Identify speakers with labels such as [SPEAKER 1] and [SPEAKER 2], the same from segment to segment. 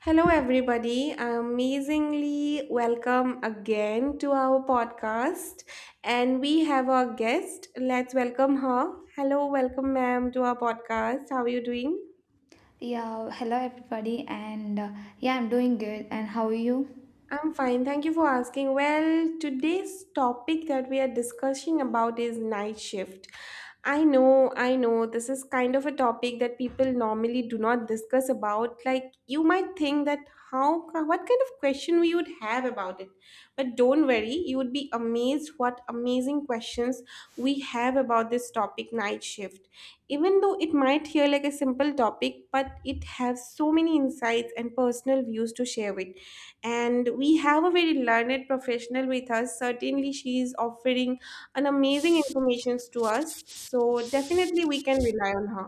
[SPEAKER 1] Hello, everybody. Amazingly welcome again to our podcast. And we have our guest. Let's welcome her. Hello, welcome, ma'am, to our podcast. How are you doing?
[SPEAKER 2] Yeah, hello everybody, and yeah, I'm doing good. And how are you?
[SPEAKER 1] I'm fine. Thank you for asking. Well, today's topic that we are discussing about is night shift. I know, this is kind of a topic that people normally do not discuss about. Like, you might think that how, what kind of question we would have about it. But don't worry, you would be amazed what amazing questions we have about this topic, night shift, even though it might hear like a simple topic, but it has so many insights and personal views to share with. And we have a very learned professional with us. Certainly she is offering an amazing informations to us, so definitely we can rely on her.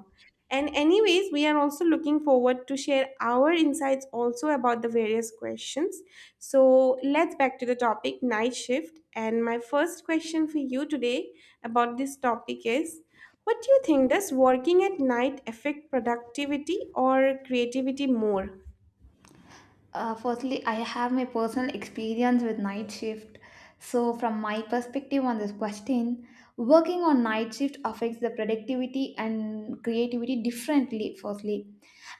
[SPEAKER 1] And anyways, we are also looking forward to share our insights also about the various questions. So let's back to the topic night shift, and my first question for you today about this topic is, what do you think? Does working at night affect productivity or creativity more?
[SPEAKER 2] Firstly, I have my personal experience with night shift. So, from my perspective on this question, working on night shift affects the productivity and creativity differently, firstly.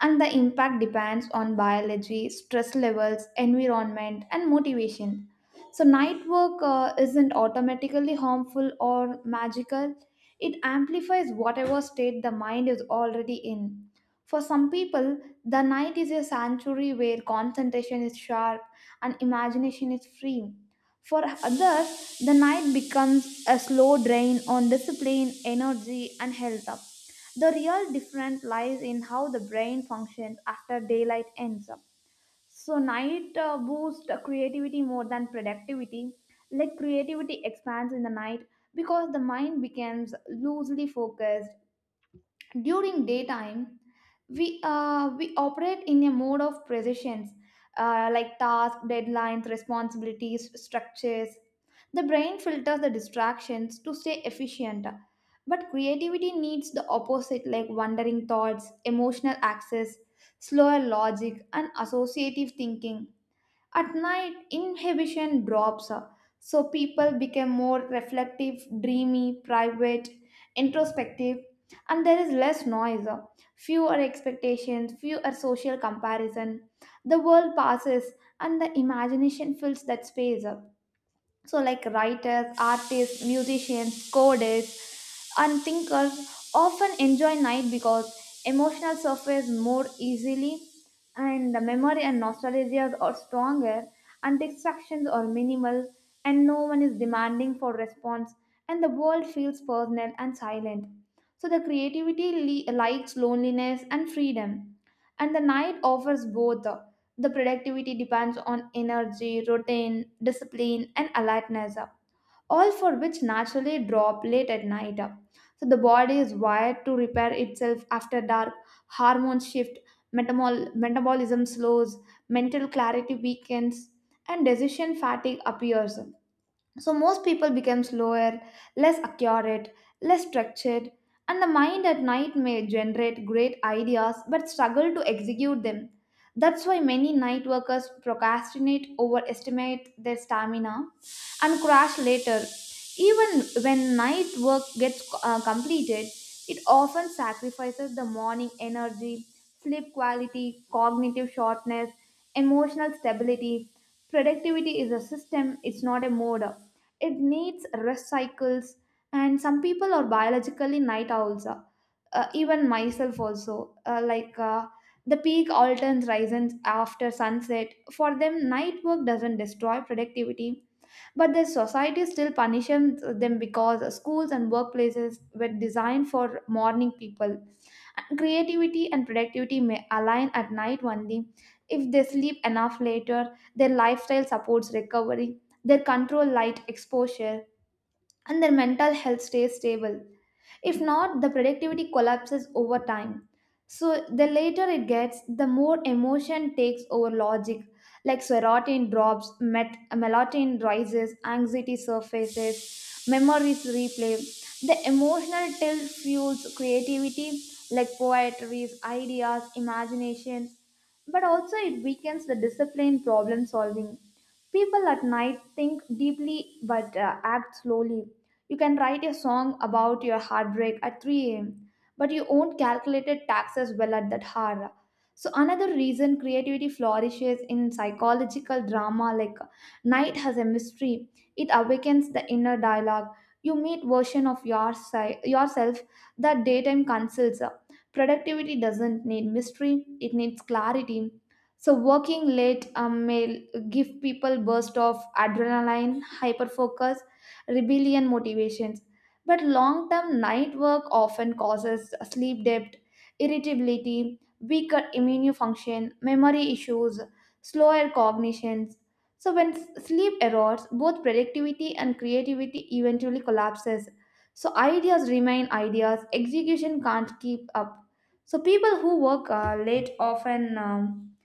[SPEAKER 2] And the impact depends on biology, stress levels, environment, and motivation. So, night work isn't automatically harmful or magical, it amplifies whatever state the mind is already in. For some people, the night is a sanctuary where concentration is sharp and imagination is free. For others, the night becomes a slow drain on discipline, energy, and health. Up. The real difference lies in how the brain functions after daylight ends up. So, night boosts creativity more than productivity. Like, creativity expands in the night because the mind becomes loosely focused during daytime we operate in a mode of precisions, like tasks, deadlines, responsibilities, structures. The brain filters the distractions to stay efficient, but creativity needs the opposite, like wandering thoughts, emotional access, slower logic, and associative thinking. At night, inhibition drops, so people become more reflective, dreamy, private, introspective, and there is less noise, fewer expectations, fewer social comparison. The world passes, and the imagination fills that space. So, like writers, artists, musicians, coders, and thinkers often enjoy night because emotional surface more easily, and the memory and nostalgia are stronger, and distractions are minimal, and no one is demanding for response, and the world feels personal and silent. So, the creativity likes loneliness and freedom, and the night offers both. The productivity depends on energy, routine, discipline, and alertness, all for which naturally drop late at night. So the body is wired to repair itself after dark, hormones shift, metabolism slows, mental clarity weakens, and decision fatigue appears. So most people become slower, less accurate, less structured, and the mind at night may generate great ideas but struggle to execute them. That's why many night workers procrastinate, overestimate their stamina, and crash later. Even when night work gets completed, it often sacrifices the morning energy, sleep quality, cognitive sharpness, emotional stability. Productivity is a system, it's not a mode. It needs rest cycles, and some people are biologically night owls, even myself also, the peak alterns rises after sunset. For them, night work doesn't destroy productivity, but the society still punishes them because schools and workplaces were designed for morning people. And creativity and productivity may align at night only if they sleep enough later, their lifestyle supports recovery, their control light exposure, and their mental health stays stable. If not, the productivity collapses over time. So the later it gets, the more emotion takes over logic. Like serotonin drops, melatonin rises, anxiety surfaces, memories replay. The emotional tilt fuels creativity, like poetry, ideas, imagination, but also it weakens the discipline problem solving. People at night think deeply but act slowly. You can write a song about your heartbreak at 3 a.m., but you won't calculate the taxes well at that hour. So, another reason creativity flourishes in psychological drama, like night has a mystery, it awakens the inner dialogue. You meet version of yourself that daytime conceals. Productivity doesn't need mystery, it needs clarity. So working late, may give people burst of adrenaline, hyperfocus, rebellion motivations. But long term night work often causes sleep debt, irritability, weaker immune function, memory issues, slower cognitions. So when sleep erodes, both productivity and creativity eventually collapses. So ideas remain ideas, execution can't keep up. So people who work late often, um,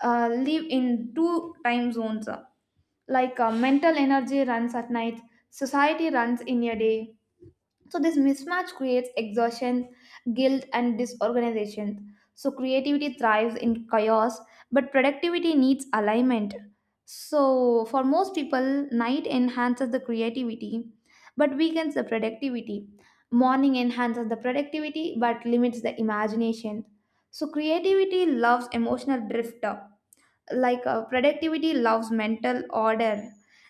[SPEAKER 2] uh, live in two time zones, mental energy runs at night, society runs in a day. So this mismatch creates exhaustion, guilt, and disorganization. So creativity thrives in chaos but productivity needs alignment. So for most people, night enhances the creativity but weakens the productivity. Morning enhances the productivity but limits the imagination. So creativity loves emotional drift, like, productivity loves mental order.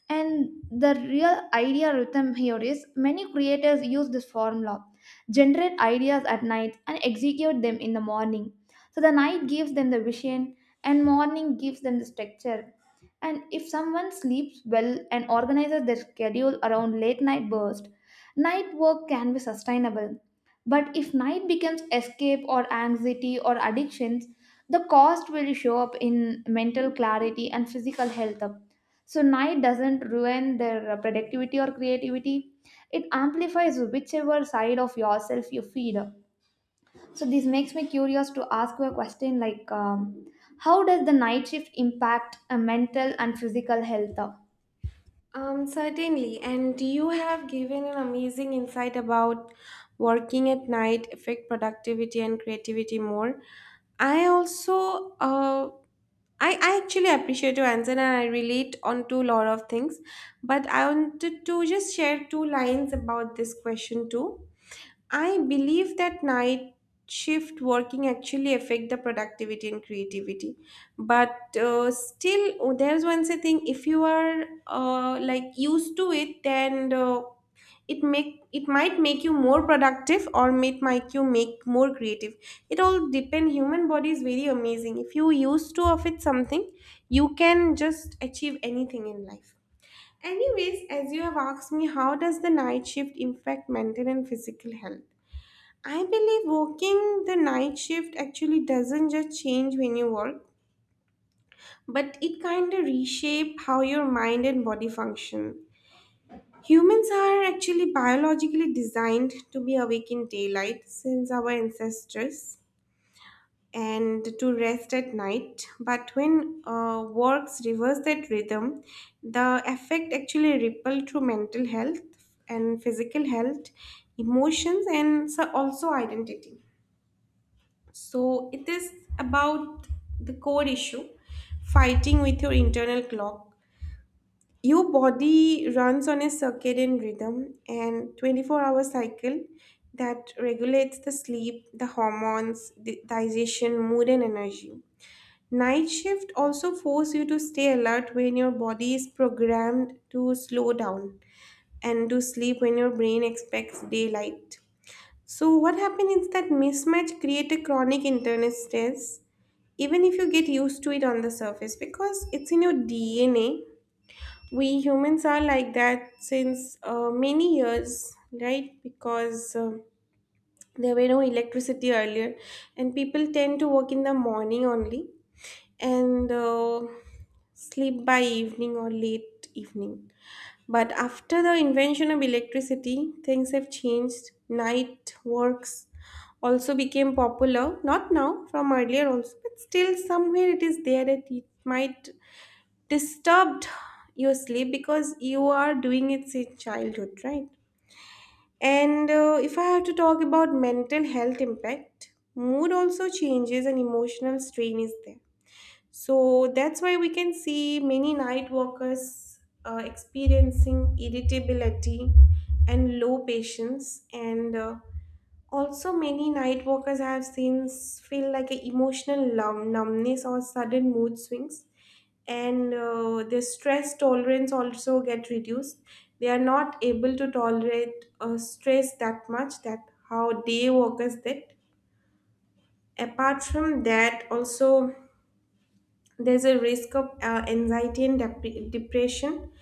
[SPEAKER 2] And the real idea rhythm here is many creators use this formula: generate ideas at night and execute them in the morning. So the night gives them the vision, and morning gives them the structure. And if someone sleeps well and organizes their schedule around late night burst, night work can be sustainable. But if night becomes escape or anxiety or addictions, the cost will show up in mental clarity and physical health. So, night doesn't ruin their productivity or creativity, it amplifies whichever side of yourself you feed. So, this makes me curious to ask you a question like, how does the night shift impact mental and physical health?
[SPEAKER 1] Certainly. And you have given an amazing insight about working at night affect productivity and creativity more. I also I actually appreciate your answer and I relate on to a lot of things. But I wanted to just share two lines about this question too. I believe that night shift working actually affect the productivity and creativity, but still, oh, there's one say thing, if you are like used to it, then it make, it might make you more productive, or it might you make more creative. It all depend, human body is very amazing. If you used to of it something, you can just achieve anything in life. Anyways, as you have asked me, how does the night shift impact mental and physical health? I believe working the night shift actually doesn't just change when you work, but it kind of reshape how your mind and body function. Humans are actually biologically designed to be awake in daylight since our ancestors, and to rest at night. But when works reverse that rhythm, the effect actually ripple through mental health and physical health, emotions, and so also identity. So it is about the core issue, fighting with your internal clock. Your body runs on a circadian rhythm and 24-hour cycle that regulates the sleep, the hormones, the digestion, mood, and energy. Night shift also force you to stay alert when your body is programmed to slow down, and to sleep when your brain expects daylight. So what happens is that mismatch create a chronic internal stress, even if you get used to it on the surface, because it's in your DNA. We humans are like that since many years, right? Because there were no electricity earlier, and people tend to work in the morning only, and sleep by evening or late evening. But after the invention of electricity, things have changed. Night works also became popular, not now, from earlier also, but still somewhere it is there that it might disturb your sleep because you are doing it since childhood, right? And if I have to talk about mental health impact, mood also changes and emotional strain is there, so that's why we can see many night workers experiencing irritability and low patience, and also many night workers I have since feel like an emotional numbness or sudden mood swings, and their stress tolerance also get reduced. They are not able to tolerate stress that much that how day workers did. Apart from that, also there's a risk of anxiety and depression.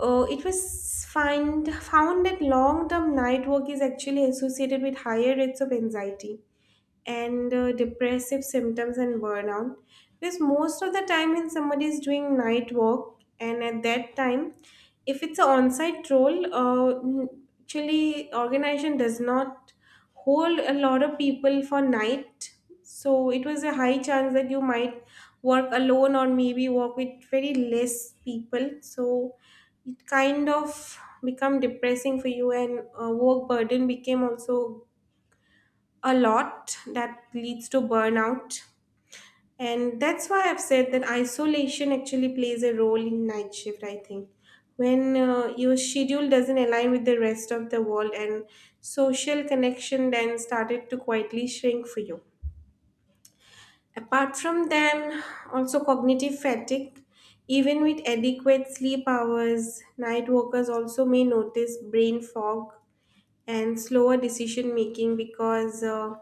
[SPEAKER 1] It was find, found that long term night work is actually associated with higher rates of anxiety and depressive symptoms and burnout. Because most of the time, when somebody is doing night work, and at that time, if it's an on site role, actually, organization does not hold a lot of people for night. So it was a high chance that you might work alone, or maybe work with very less people. So it kind of become depressing for you, and work burden became also a lot that leads to burnout. And that's why I've said that isolation actually plays a role in night shift, I think. When your schedule doesn't align with the rest of the world, and social connection then started to quietly shrink for you. Apart from them, also cognitive fatigue. Even with adequate sleep hours, night workers also may notice brain fog and slower decision making, because uh,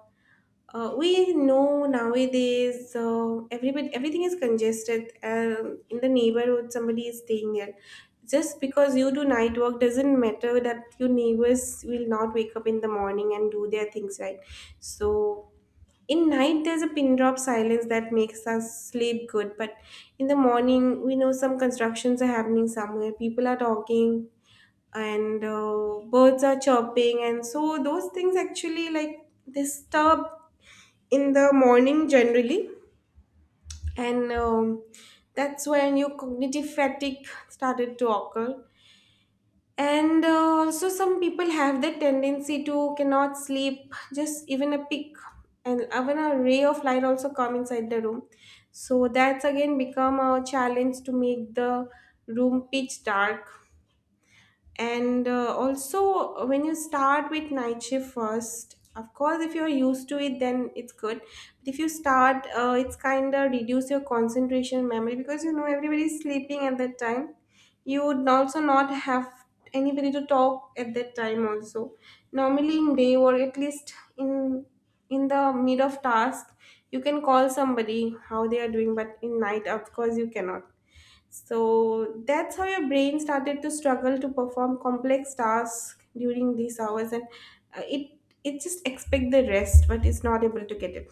[SPEAKER 1] uh, we know nowadays everybody everything is congested. In the neighborhood, somebody is staying there. Just because you do night work doesn't matter that your neighbors will not wake up in the morning and do their things, right. So in night, there's a pin drop silence that makes us sleep good. But in the morning, we know some constructions are happening somewhere. People are talking, and birds are chirping, and so those things actually like disturb in the morning generally, and that's when your cognitive fatigue started to occur. And also, some people have the tendency to cannot sleep, just even a peak, and even a ray of light also come inside the room. So that's again become a challenge to make the room pitch dark. And also when you start with night shift first, of course, if you're used to it then it's good, but if you start it's kind of reduce your concentration memory, because you know everybody's sleeping at that time. You would also not have anybody to talk at that time also. Normally in day, or at least in the mid of task you can call somebody how they are doing, but in night, of course, you cannot. So that's how your brain started to struggle to perform complex tasks during these hours, and uh, it it just expect the rest, but it's not able to get it.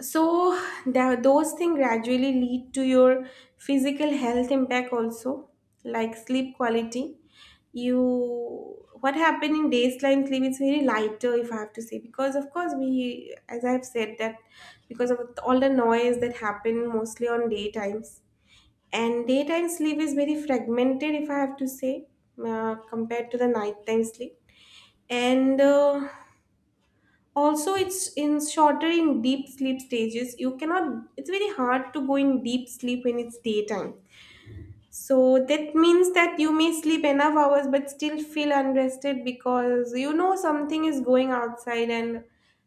[SPEAKER 1] So that, those things gradually lead to your physical health impact also, like sleep quality. You what happened in daytime sleep is very lighter, if I have to say, because of course we, as I have said, that because of all the noise that happen mostly on daytimes, and daytime sleep is very fragmented, if I have to say, compared to the nighttime sleep. And also, it's in shorter in deep sleep stages. You cannot, it's very hard to go in deep sleep when it's daytime. So that means that you may sleep enough hours but still feel unrested, because you know something is going outside, and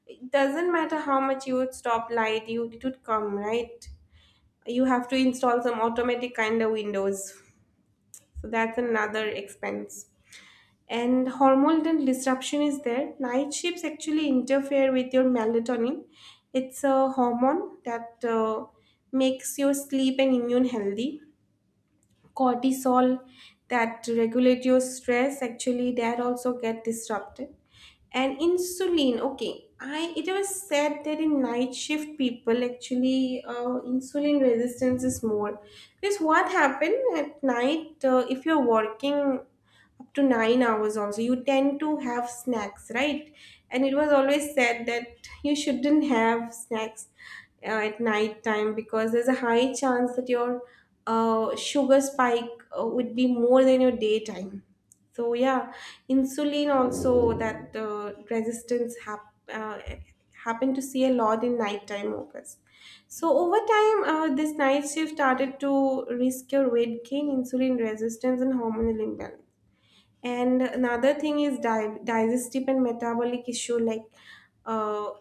[SPEAKER 1] it doesn't matter how much you would stop light, you it would come, right? You have to install some automatic kind of windows. So that's another expense. And hormonal disruption is there. Night shifts actually interfere with your melatonin. It's a hormone that makes your sleep and immune healthy. Cortisol that regulate your stress, actually that also get disrupted. And insulin, okay, I it was said that in night shift people actually insulin resistance is more, because what happen at night, if you're working up to 9 hours also, you tend to have snacks, right? And it was always said that you shouldn't have snacks at night time, because there's a high chance that your sugar spike would be more than your daytime. So yeah, insulin also that resistance happen to see a lot in nighttime workers. So over time, this night shift started to risk your weight gain, insulin resistance, and hormonal imbalance. And another thing is digestive and metabolic issue. Like uh,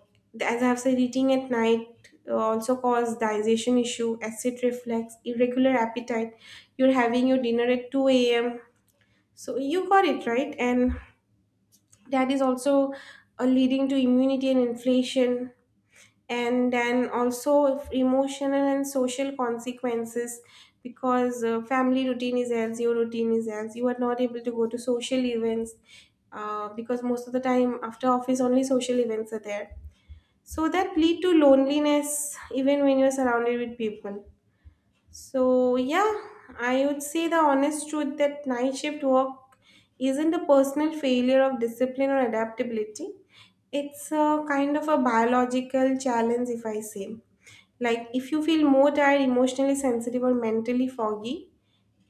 [SPEAKER 1] as I've said, eating at night also cause digestion issue, acid reflux, irregular appetite. You're having your dinner at 2 a.m. So you got it right, and that is also leading to immunity and inflation. And then also if emotional and social consequences, because family routine is else, your routine is else, you are not able to go to social events, because most of the time after office only social events are there. So that lead to loneliness even when you're surrounded with people. So yeah, I would say the honest truth that night shift work isn't a personal failure of discipline or adaptability, it's a kind of a biological challenge, if I say. Like if you feel more tired, emotionally sensitive, or mentally foggy,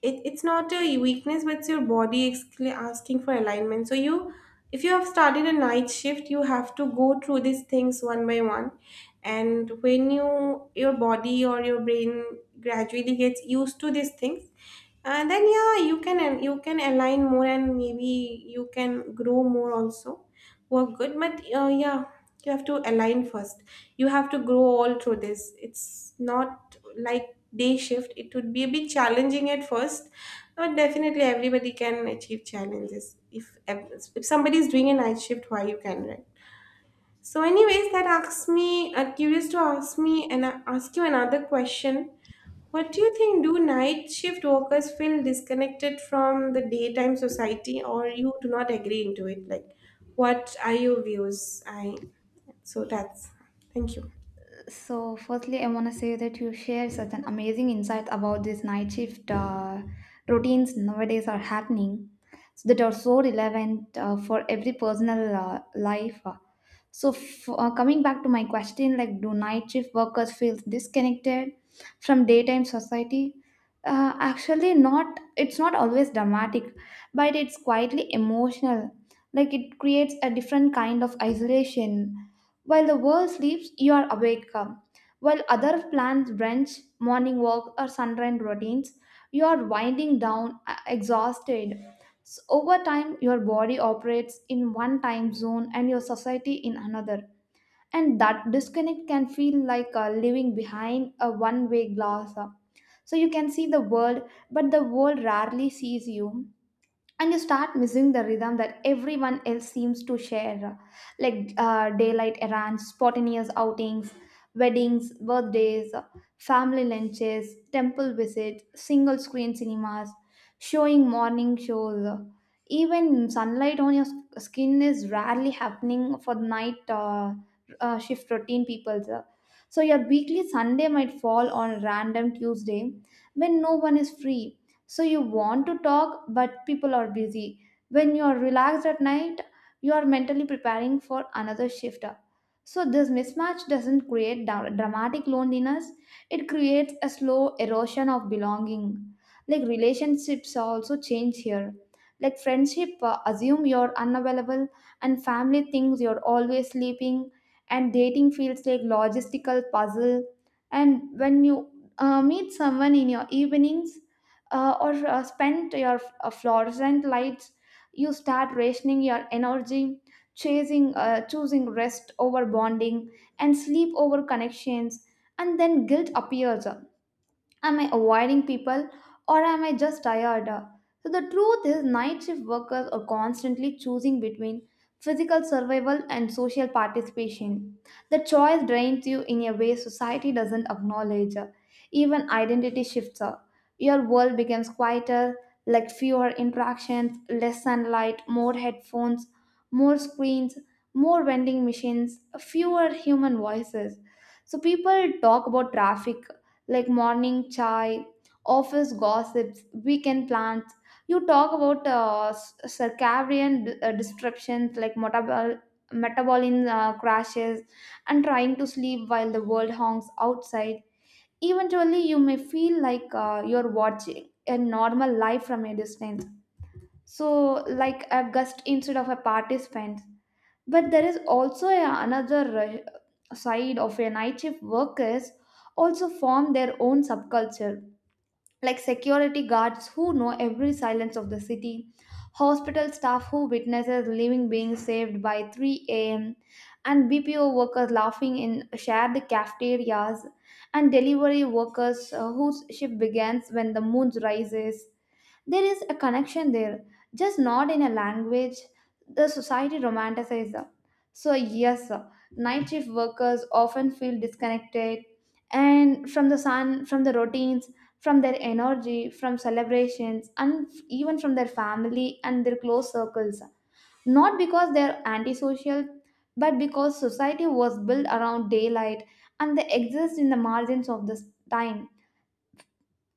[SPEAKER 1] it's not a weakness, but it's your body asking for alignment. So you, if you have started a night shift, you have to go through these things one by one. And when your body or your brain gradually gets used to these things, and then yeah you can align more, and maybe you can grow more also, work good. But yeah, you have to align first. You have to grow all through this. It's not like day shift. It would be a bit challenging at first, but definitely everybody can achieve challenges. If somebody is doing a night shift, why you can, right? So, anyways, that asks me. Curious to ask me and ask you another question. What do you think? Do night shift workers feel disconnected from the daytime society, or you do not agree into it? Like, what are your views? I so that's Thank you.
[SPEAKER 2] So, firstly, I want to say that you share such an amazing insight about these night shift routines nowadays are happening, so that are so relevant for every personal life. So, coming back to my question, like, do night shift workers feel disconnected from daytime society? Actually, not. It's not always dramatic, but it's quietly emotional. Like, it creates a different kind of isolation while the world sleeps, you are awake. uh, While other plans wrench, morning walk, or sunrise routines, you are winding down, exhausted. So over time, your body operates in one time zone and your society in another. And that disconnect can feel like living behind a one way glass. So you can see the world, but the world rarely sees you, and you start missing the rhythm that everyone else seems to share, like daylight errands, spontaneous outings, weddings, birthdays, family lunches, temple visits, single screen cinemas showing morning shows. Even sunlight on skin is rarely happening for night shift routine people. So your weekly Sunday might fall on a random Tuesday when no one is free. So you want to talk but people are busy. When you are relaxed at night, you are mentally preparing for another shift. So this mismatch doesn't create dramatic loneliness, it creates a slow erosion of belonging. Like relationships also change here, like friendship assume you're unavailable, and family thinks you're always sleeping, and dating feels like logistical puzzle. And when you meet someone in your evenings, or spent your fluorescent lights, you start rationing your energy, chasing choosing rest over bonding and sleep over connections, and then guilt appears. Am I avoiding people or am I just tired? So, the truth is, night shift workers are constantly choosing between physical survival and social participation. The choice drains you in a way society doesn't acknowledge. Even identity shifts. Your world becomes quieter, like fewer interactions, less sunlight, more headphones, more screens, more vending machines, fewer human voices. So, people talk about traffic, like morning chai, office gossips, weekend plans. You talk about circadian disruptions, like metabolism crashes and trying to sleep while the world honks outside. Eventually, you may feel like you're watching a normal life from a distance. So, like a guest instead of a participant. But there is also a, another side of a night shift workers. Also form their own subculture, like security guards who know every silence of the city, hospital staff who witnesses living being saved by 3 a.m., and BPO workers laughing in shared cafeterias, and delivery workers whose shift begins when the moon rises. There is a connection there, just not in a language the society romanticizes. So, yes, night shift workers often feel disconnected, and from the sun, from the routines, from their energy, from celebrations, and even from their family and their close circles. Not because they're antisocial, but because society was built around daylight and they exist in the margins of this time.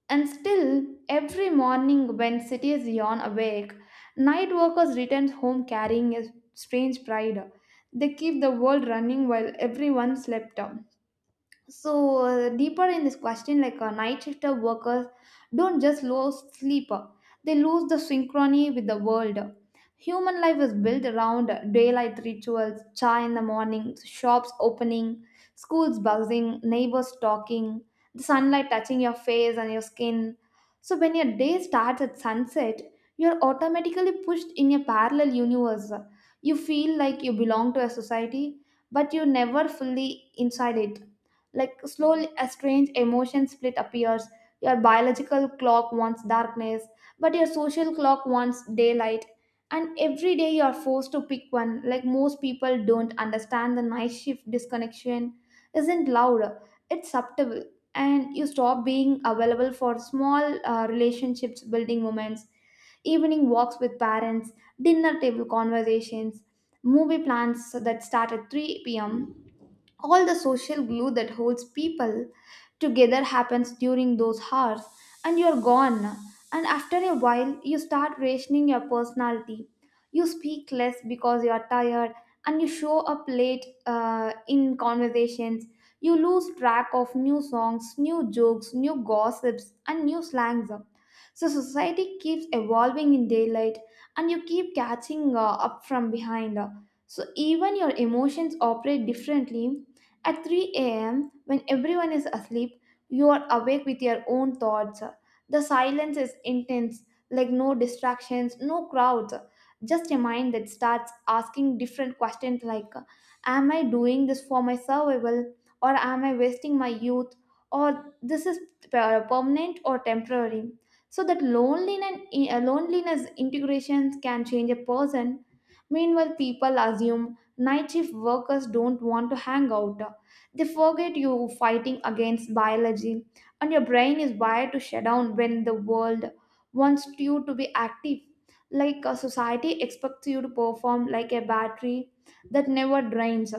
[SPEAKER 2] And still, every morning when cities yawn awake, night workers return home carrying a strange pride. They keep the world running while everyone slept. So, deeper in this question, like night shifter workers don't just lose sleep, they lose the synchrony with the world. Human life is built around daylight rituals, chai in the morning, shops opening, schools buzzing, neighbors talking, the sunlight touching your face and your skin. So when your day starts at sunset, you're automatically pushed in a parallel universe. You feel like you belong to a society, but you're never fully inside it. Like slowly, a strange emotion split appears. Your biological clock wants darkness, but your social clock wants daylight. And every day you are forced to pick one. Like, most people don't understand the night shift disconnection isn't loud, it's subtle. And you stop being available for small relationships building moments, evening walks with parents, dinner table conversations, movie plans that start at 3 p.m. All the social glue that holds people together happens during those hours, and you're gone. And after a while, you start rationing your personality. You speak less because you are tired, and you show up late in conversations. You lose track of new songs, new jokes, new gossips, and new slangs. So, society keeps evolving in daylight, and you keep catching up from behind. So even your emotions operate differently. At 3 a.m., when everyone is asleep, you are awake with your own thoughts. The silence is intense, like no distractions, no crowds. Just a mind that starts asking different questions like, am I doing this for my survival? Or am I wasting my youth? Or this is permanent or temporary? So that loneliness, eh, loneliness integrations can change a person. Meanwhile, people assume night shift workers don't want to hang out. They forget you are fighting against biology, and your brain is wired to shut down when the world wants you to be active. Like a society expects you to perform like a battery that never drains.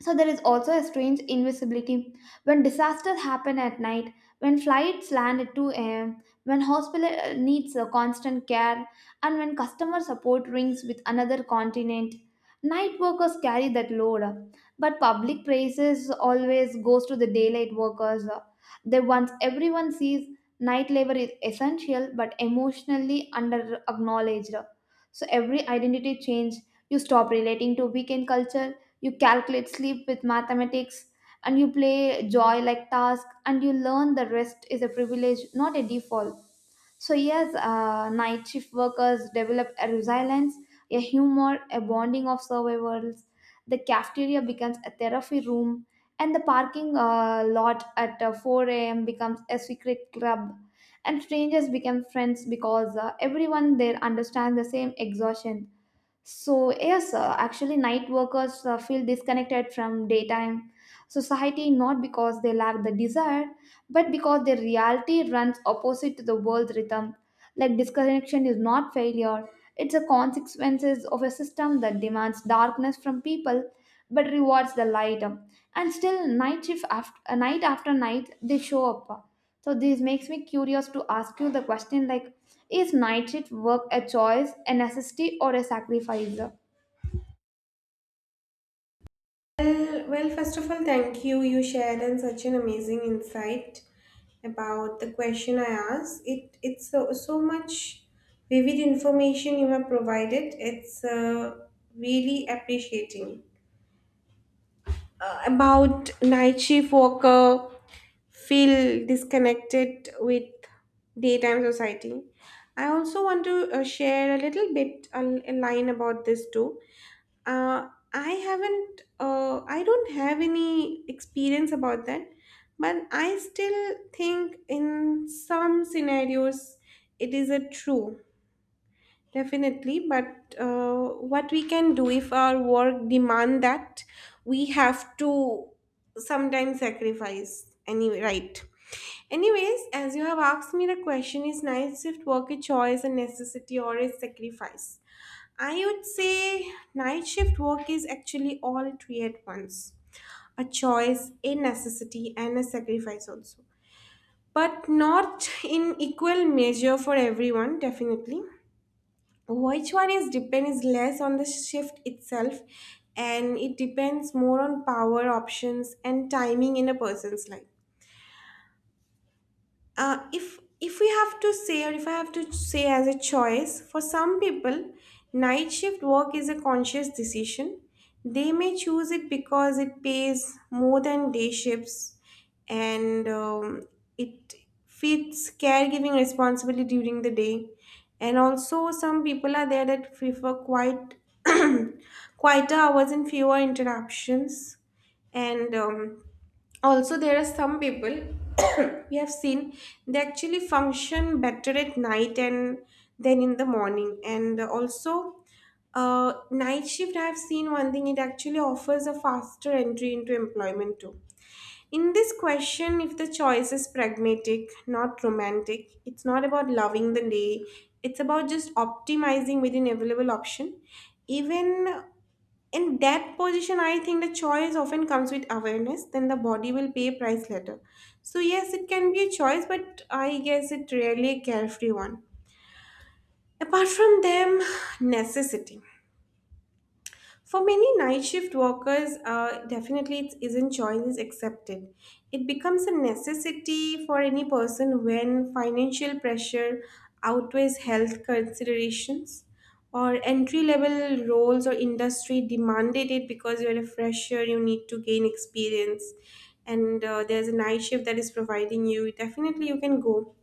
[SPEAKER 2] So there is also a strange invisibility. When disasters happen at night, when flights land at 2 a.m., when hospital needs a constant care, and when customer support rings with another continent, night workers carry that load. But public praises always goes to the daylight workers. They once everyone sees night labor is essential but emotionally under acknowledged. So every identity change, you stop relating to weekend culture, you calculate sleep with mathematics, and you play joy like task, and you learn the rest is a privilege, not a default. So, yes, night shift workers develop a resilience, a humor, a bonding of survivors. The cafeteria becomes a therapy room, and the parking lot at 4 a.m. becomes a secret club. And strangers become friends because everyone there understands the same exhaustion. So, yes, actually, night workers feel disconnected from daytime society, not because they lack the desire, but because their reality runs opposite to the world's rhythm. Like, disconnection is not failure, it's a consequences of a system that demands darkness from people but rewards the light. And still, night shift after night, they show up. So this makes me curious to ask you the question like, is night shift work a choice, a necessity, or a sacrifice? Yeah,
[SPEAKER 1] Well, first of all, thank you. You shared and such an amazing insight about the question I asked. It's so so much vivid information you have provided. It's really appreciating about night shift worker feel disconnected with daytime society. I also want to share a little bit a line about this too. I don't have any experience about that, but I still think in some scenarios it is a true, definitely. But what we can do if our work demand that, we have to sometimes sacrifice anyway, right? Anyways, as you have asked me the question, is night shift work a choice, a necessity, or a sacrifice? I would say night shift work is actually all three at once: a choice, a necessity, and a sacrifice also. But not in equal measure for everyone, definitely. Which one is depends less on the shift itself, and it depends more on power options and timing in a person's life. If we have to say, or if I have to say, as a choice for some people, night shift work is a conscious decision. They may choose it because it pays more than day shifts, and it fits caregiving responsibility during the day. And also, some people are there that prefer quiet quieter hours and fewer interruptions, and also there are some people we have seen they actually function better at night and then in the morning. And also, night shift, I have seen one thing, it actually offers a faster entry into employment too. In this question, if the choice is pragmatic, not romantic, it's not about loving the day, it's about just optimizing within available option. Even in that position, I think the choice often comes with awareness then the body will pay a price later. So yes, it can be a choice, but I guess it really a carefree one. Apart from them, necessity. For many night shift workers, definitely it isn't choice is accepted. It becomes a necessity for any person when financial pressure outweighs health considerations, or entry level roles or industry demanded it because you're a fresher, you need to gain experience, and there's a night shift that is providing you. Definitely, you can go.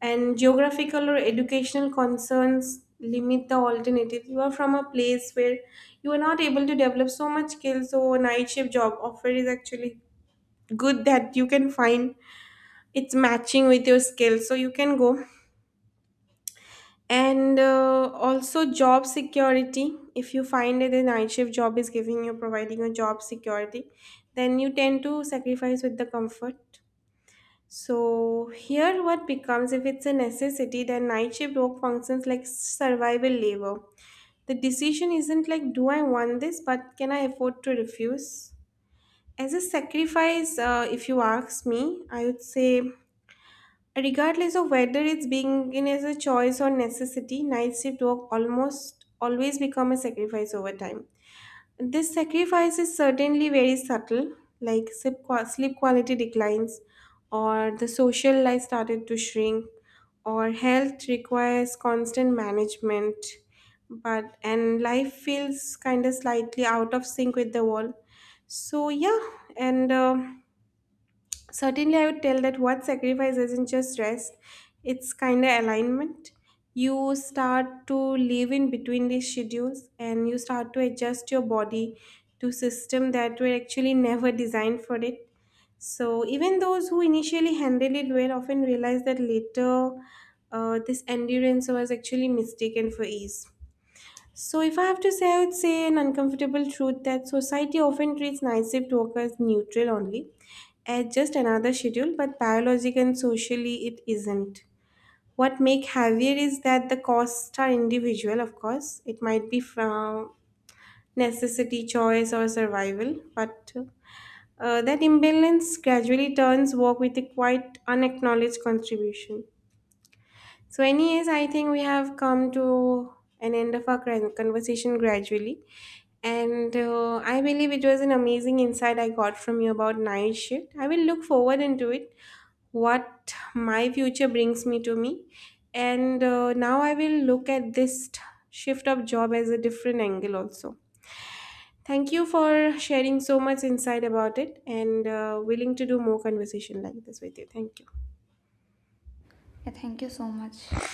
[SPEAKER 1] And geographical or educational concerns limit the alternative. You are from a place where you are not able to develop so much skills, so a night shift job offer is actually good that you can find. It's matching with your skills, so you can go. And also job security. If you find that the night shift job is giving you providing a job security, then you tend to sacrifice with the comfort. So here what becomes, if it's a necessity, then night shift work functions like survival labor. The decision isn't like, do I want this, but can I afford to refuse? As a sacrifice, if you ask me, I would say regardless of whether it's being in as a choice or necessity, night shift work almost always become a sacrifice over time. This sacrifice is certainly very subtle, like sleep quality declines, or the social life started to shrink, or health requires constant management, but and life feels kind of slightly out of sync with the world. So yeah, and. Certainly, I would tell that what sacrifice isn't just rest, it's kind of alignment. You start to live in between these schedules, and you start to adjust your body to system that were actually never designed for it. So even those who initially handled it well often realize that later this endurance was actually mistaken for ease. So, if I have to say, I would say an uncomfortable truth that society often treats night shift workers neutral only, as just another schedule, but biologically and socially it isn't. What make heavier is that the costs are individual, of course. It might be from necessity, choice, or survival, but that imbalance gradually turns work with a quite unacknowledged contribution. So, anyways, I think we have come to an end of our conversation gradually. And I believe it was an amazing insight I got from you about night shift. I will look forward into it, what my future brings me to me. And now I will look at this shift of job as a different angle also. Thank you for sharing so much insight about it, and willing to do more conversation like this with you. Thank you.
[SPEAKER 2] thank you so much.